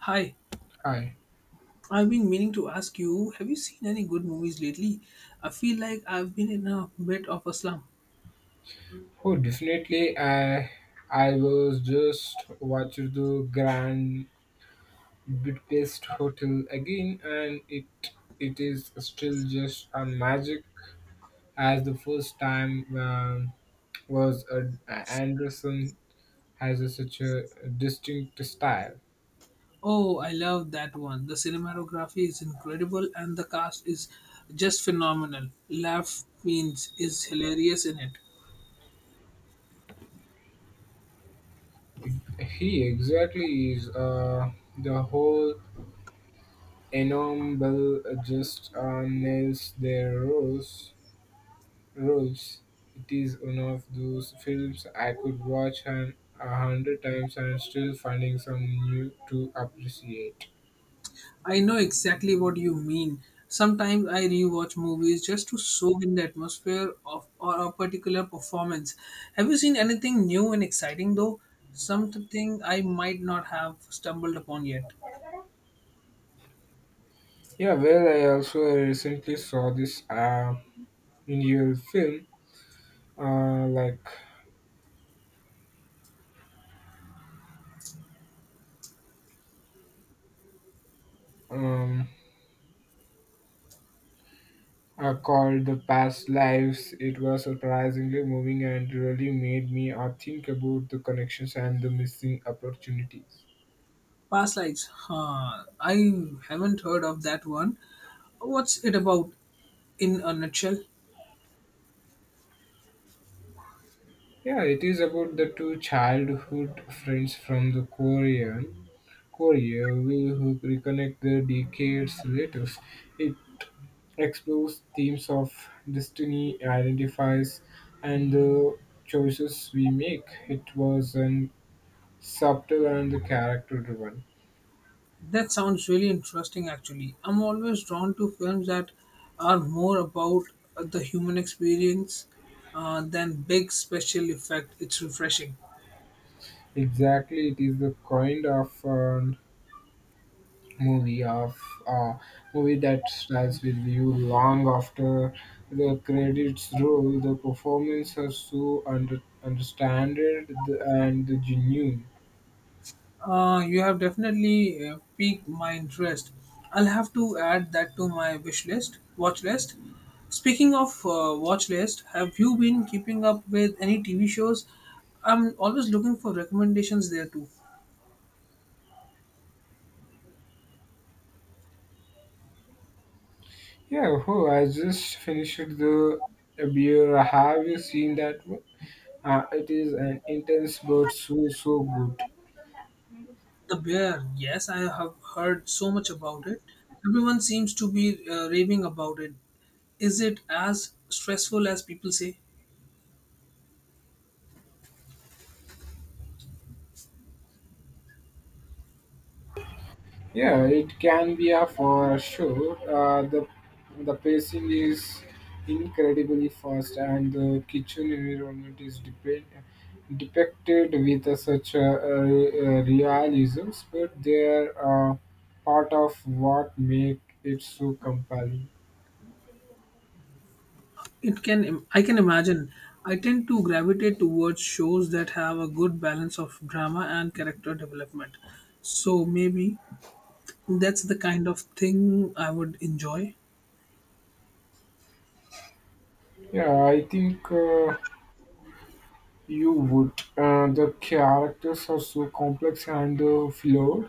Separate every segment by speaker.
Speaker 1: Hi,
Speaker 2: Hi.
Speaker 1: I've been meaning to ask you, have you seen any good movies lately? I feel like I've been in a bit of a slump.
Speaker 2: Oh, definitely. I was just watching the Grand Budapest Hotel again, and it is still just a magic as the first time was. Anderson has a, such a distinct style.
Speaker 1: Oh, I love that one. The cinematography is incredible and the cast is just phenomenal. Laugh Means is hilarious in it.
Speaker 2: He exactly is the whole ensemble just nails their roles. It is one of those films I could watch an, a hundred times and still finding something new to appreciate.
Speaker 1: I know exactly what you mean. Sometimes I rewatch movies just to soak in the atmosphere of or a particular performance. Have you seen anything new and exciting though? Something I might not have stumbled upon yet.
Speaker 2: Yeah, well, I also recently saw this Indian film, uh, like um, called "The Past Lives." It was surprisingly moving and really made me think about the connections and the missing opportunities.
Speaker 1: Past lives. Huh. I haven't heard of that one. What's it about in a nutshell?
Speaker 2: Yeah, it is about the two childhood friends from the Korea will reconnect the decades later. It explores themes of destiny, identifies, and the choices we make. It was an subtle and character driven.
Speaker 1: That sounds really interesting, actually. I'm always drawn to films that are more about the human experience than big special effect. It's refreshing.
Speaker 2: Exactly, it is the kind of movie of uh, movie that stays with you long after the credits roll. The performances are so understood and the genuine.
Speaker 1: You have definitely piqued my interest. I'll have to add that to my wish list, watch list. Speaking of watch list, have you been keeping up with any TV shows? I'm always looking for recommendations there too.
Speaker 2: Yeah, oh, I just finished the beer. Have you seen that one? It is an intense but so so good.
Speaker 1: The Bear, yes, I have heard so much about it. Everyone seems to be raving about it. Is it as stressful as people say?
Speaker 2: Yeah, it can be a for sure. The pacing is incredibly fast, and the kitchen environment is depicted with a such a realism, but they are part of what make it so compelling.
Speaker 1: It can I can imagine. I tend to gravitate towards shows that have a good balance of drama and character development. So maybe that's the kind of thing I would enjoy.
Speaker 2: Yeah, I think. You would. The characters are so complex and flawed,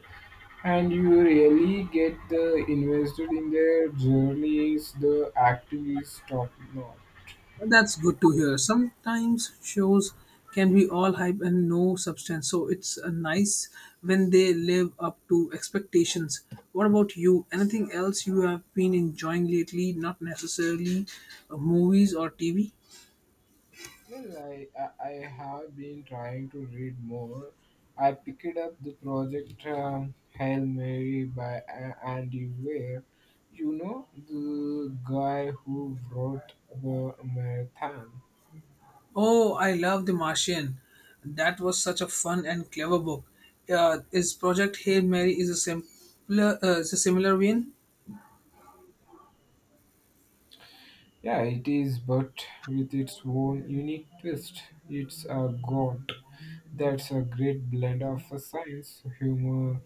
Speaker 2: and you really get the invested in their journeys. The acting is top notch.
Speaker 1: That's good to hear. Sometimes shows can be all hype and no substance. So it's nice when they live up to expectations. What about you? Anything else you have been enjoying lately? Not necessarily movies or TV?
Speaker 2: Well, I have been trying to read more. I picked up the project Hail Mary by Andy Weir. You know the guy who wrote the marathon.
Speaker 1: Oh, I love The Martian. That was such a fun and clever book. His project Hail Mary is a simpler, is a similar one.
Speaker 2: Yeah, it is, but with its own unique twist. It's a god that's a great blend of science, humor,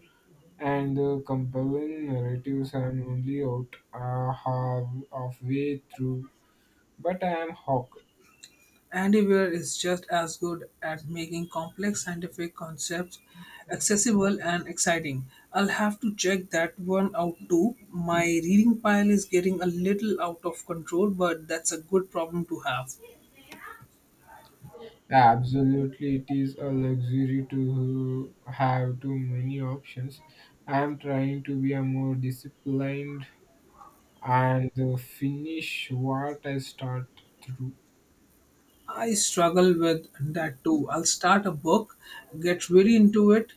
Speaker 2: and compelling narratives. I'm only out half of way through, but I am hooked.
Speaker 1: Andy Weir is just as good at making complex scientific concepts accessible and exciting. I'll have to check that one out too. My reading pile is getting a little out of control, but that's a good problem to have.
Speaker 2: Absolutely, it is a luxury to have too many options. I am trying to be a more disciplined and finish what I start through.
Speaker 1: I struggle with that too. I'll start a book, get really into it,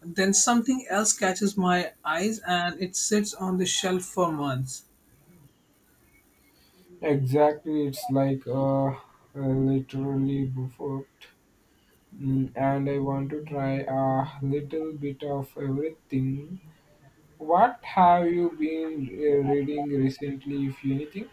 Speaker 1: then something else catches my eyes and it sits on the shelf for months.
Speaker 2: Exactly, it's like literally buffet. And I want to try a little bit of everything. What have you been reading recently, if anything?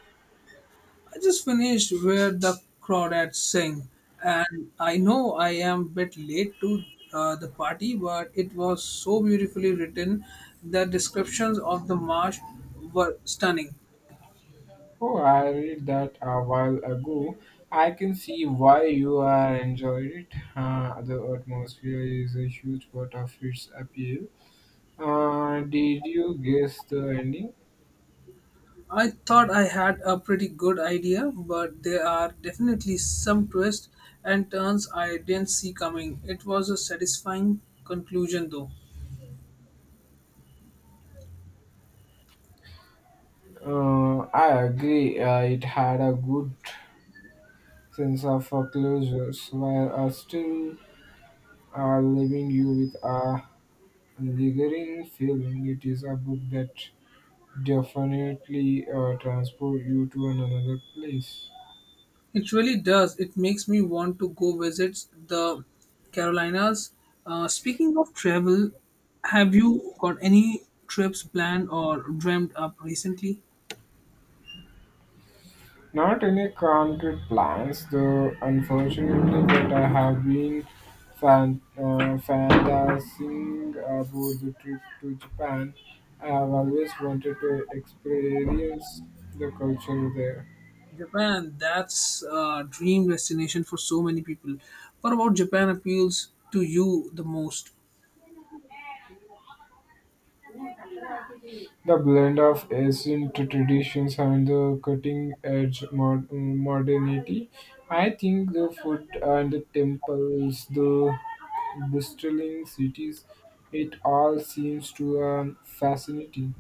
Speaker 1: I just finished Where the Crawdads Sing, and I know I am a bit late to the party, but it was so beautifully written. The descriptions of the marsh were stunning.
Speaker 2: Oh, I read that a while ago. I can see why you are enjoyed it. The atmosphere is a huge part of its appeal. Did you guess the ending?
Speaker 1: I thought I had a pretty good idea, but there are definitely some twists and turns I didn't see coming. It was a satisfying conclusion, though.
Speaker 2: I agree. It had a good sense of foreclosures while are still leaving you with a lingering feeling. It is a book that definitely transport you to another place.
Speaker 1: It really does. It makes me want to go visit the Carolinas. Speaking of travel, have you got any trips planned or dreamt up recently?
Speaker 2: Not any concrete plans, though. Unfortunately, but I have been fantasizing about the trip to Japan. I have always wanted to experience the culture there.
Speaker 1: Japan, that's a dream destination for so many people. What about Japan appeals to you the most?
Speaker 2: The blend of ancient traditions and the cutting edge modernity. I think the food and the temples, the bustling cities, it all seems to fascinating.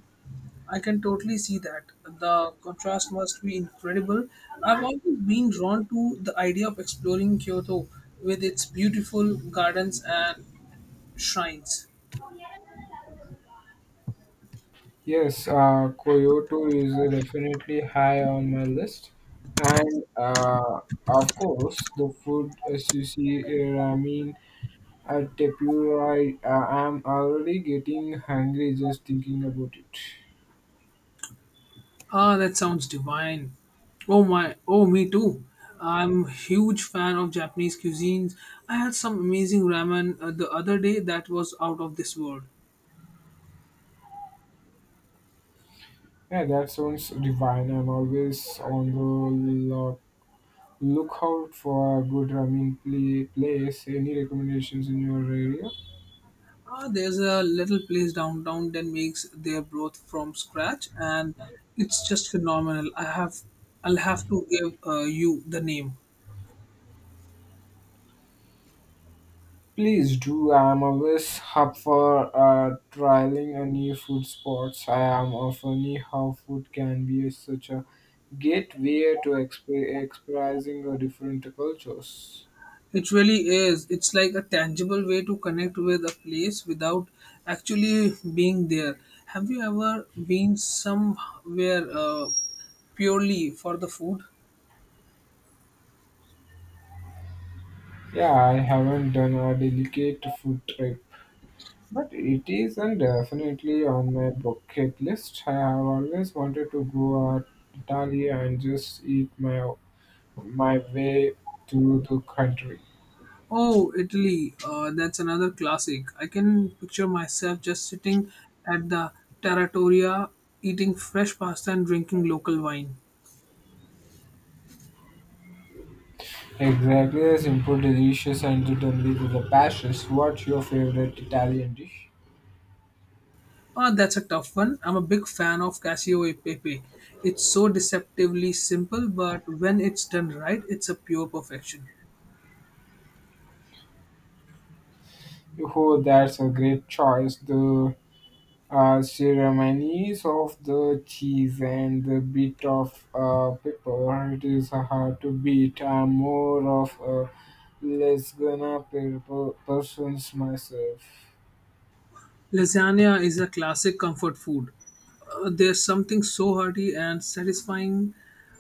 Speaker 1: I can totally see that. The contrast must be incredible. I've always been drawn to the idea of exploring Kyoto with its beautiful gardens and shrines.
Speaker 2: Yes, Kyoto is definitely high on my list, and of course the food, sushi, ramen, At Tepura, I'm already getting hungry just thinking about it.
Speaker 1: Ah, that sounds divine. Oh my, oh me too. I'm a huge fan of Japanese cuisines. I had some amazing ramen the other day that was out of this world.
Speaker 2: Yeah, that sounds divine. I'm always on the lo- lookout for a good ramen place. Any recommendations in your area?
Speaker 1: Ah, there's a little place downtown that makes their broth from scratch, and it's just phenomenal. I'll have to give you the name.
Speaker 2: Please do. I'm always up for trialing a new food spots. I am often how food can be such a gateway to experiencing different cultures.
Speaker 1: It really is. It's like a tangible way to connect with a place without actually being there. Have you ever been somewhere purely for the food?
Speaker 2: Yeah, I haven't done a delicate food trip, but it is and definitely on my bucket list. I have always wanted to go to Italy and just eat my way through the country.
Speaker 1: Oh, Italy. That's another classic. I can picture myself just sitting at the Taratoria, eating fresh pasta and drinking local wine.
Speaker 2: Exactly, the simple, delicious, and certainly with the passions. What's your favorite Italian dish?
Speaker 1: Ah, that's a tough one. I'm a big fan of Casio e Pepe. It's so deceptively simple, but when it's done right, it's a pure perfection.
Speaker 2: Oh, that's a great choice. The ceremonies of the cheese and the bit of pepper. It is hard to beat. I'm more of a less gonna pepper persons myself.
Speaker 1: Lasagna is a classic comfort food. There's something so hearty and satisfying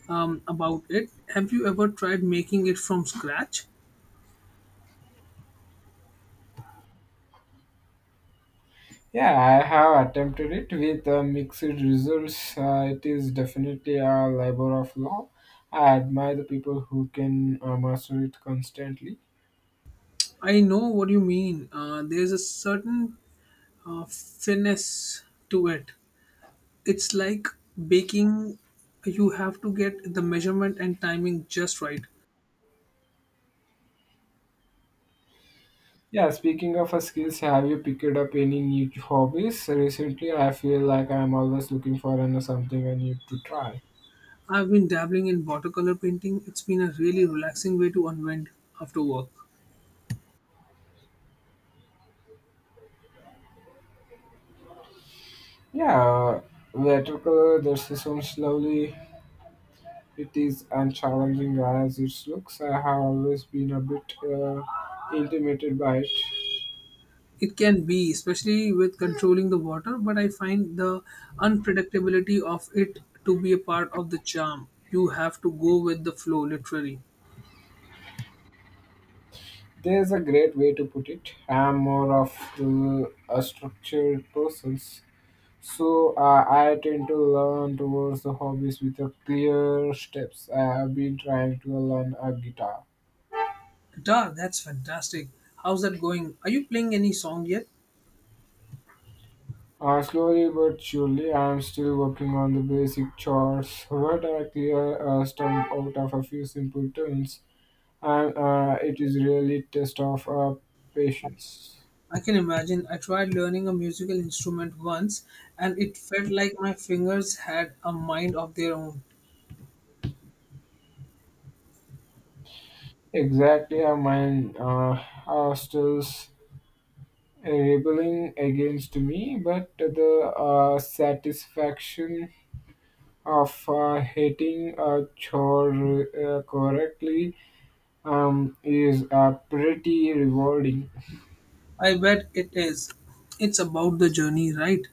Speaker 1: about it. Have you ever tried making it from scratch?
Speaker 2: Yeah, I have attempted it with mixed results. It is definitely a labor of love. I admire the people who can master it constantly.
Speaker 1: I know what you mean. There's a certain finesse to it. It's like baking, you have to get the measurement and timing just right.
Speaker 2: Yeah, speaking of skills, have you picked up any new hobbies recently? I feel like I'm always looking for an, something I need to try.
Speaker 1: I've been dabbling in watercolor painting. It's been a really relaxing way to unwind after work.
Speaker 2: Yeah, watercolor, that sounds lovely. It is and challenging as it looks. I have always been a bit intimidated by it.
Speaker 1: It can be, especially with controlling the water, but I find the unpredictability of it to be a part of the charm. You have to go with the flow, literally.
Speaker 2: There's a great way to put it. I'm more of a structured person, so I tend to learn towards the hobbies with a clear steps. I have been trying to learn a guitar.
Speaker 1: Guitar, that's fantastic. How's that going? Are you playing any song yet?
Speaker 2: Slowly but surely, I am still working on the basic chords, but I clear stump out of a few simple tunes, and it is really test of patience.
Speaker 1: I can imagine. I tried learning a musical instrument once and it felt like my fingers had a mind of their own.
Speaker 2: Exactly, mine rebelling against me, but the satisfaction of hitting a chore correctly is pretty rewarding.
Speaker 1: I bet it is. It's about the journey, right?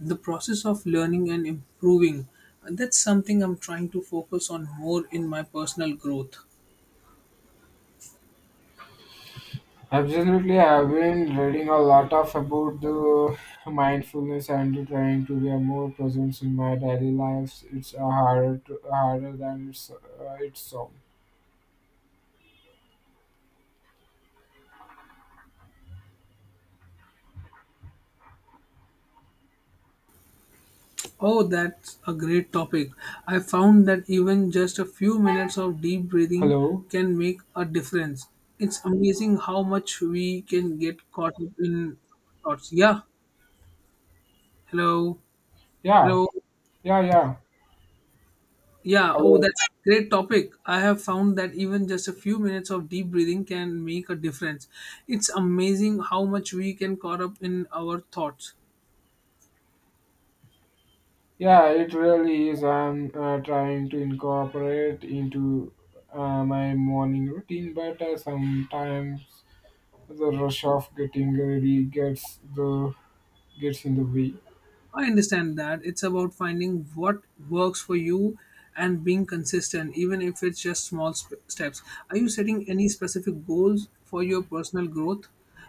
Speaker 1: The process of learning and improving. That's something I'm trying to focus on more in my personal growth.
Speaker 2: Absolutely, I've been reading a lot of about the mindfulness and trying to be a more present in my daily lives. It's harder than it's so.
Speaker 1: Oh, that's a great topic. I found that even just a few minutes of deep breathing
Speaker 2: Hello.
Speaker 1: can make a difference. It's amazing how much we can get caught up in thoughts. Yeah. Hello.
Speaker 2: Yeah.
Speaker 1: Hello.
Speaker 2: Yeah. Yeah.
Speaker 1: Yeah, oh,
Speaker 2: Hello.
Speaker 1: that's a great topic. I have found that even just a few minutes of deep breathing can make a difference. It's amazing how much we can caught up in our thoughts.
Speaker 2: Yeah, it really is. I'm trying to incorporate into my morning routine, but sometimes the rush of getting ready gets in the way.
Speaker 1: I understand that. It's about finding what works for you and being consistent, even if it's just small steps. Are you setting any specific goals for your personal growth?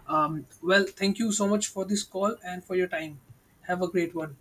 Speaker 1: Well, thank you so much for this call and for your time. Have a great one.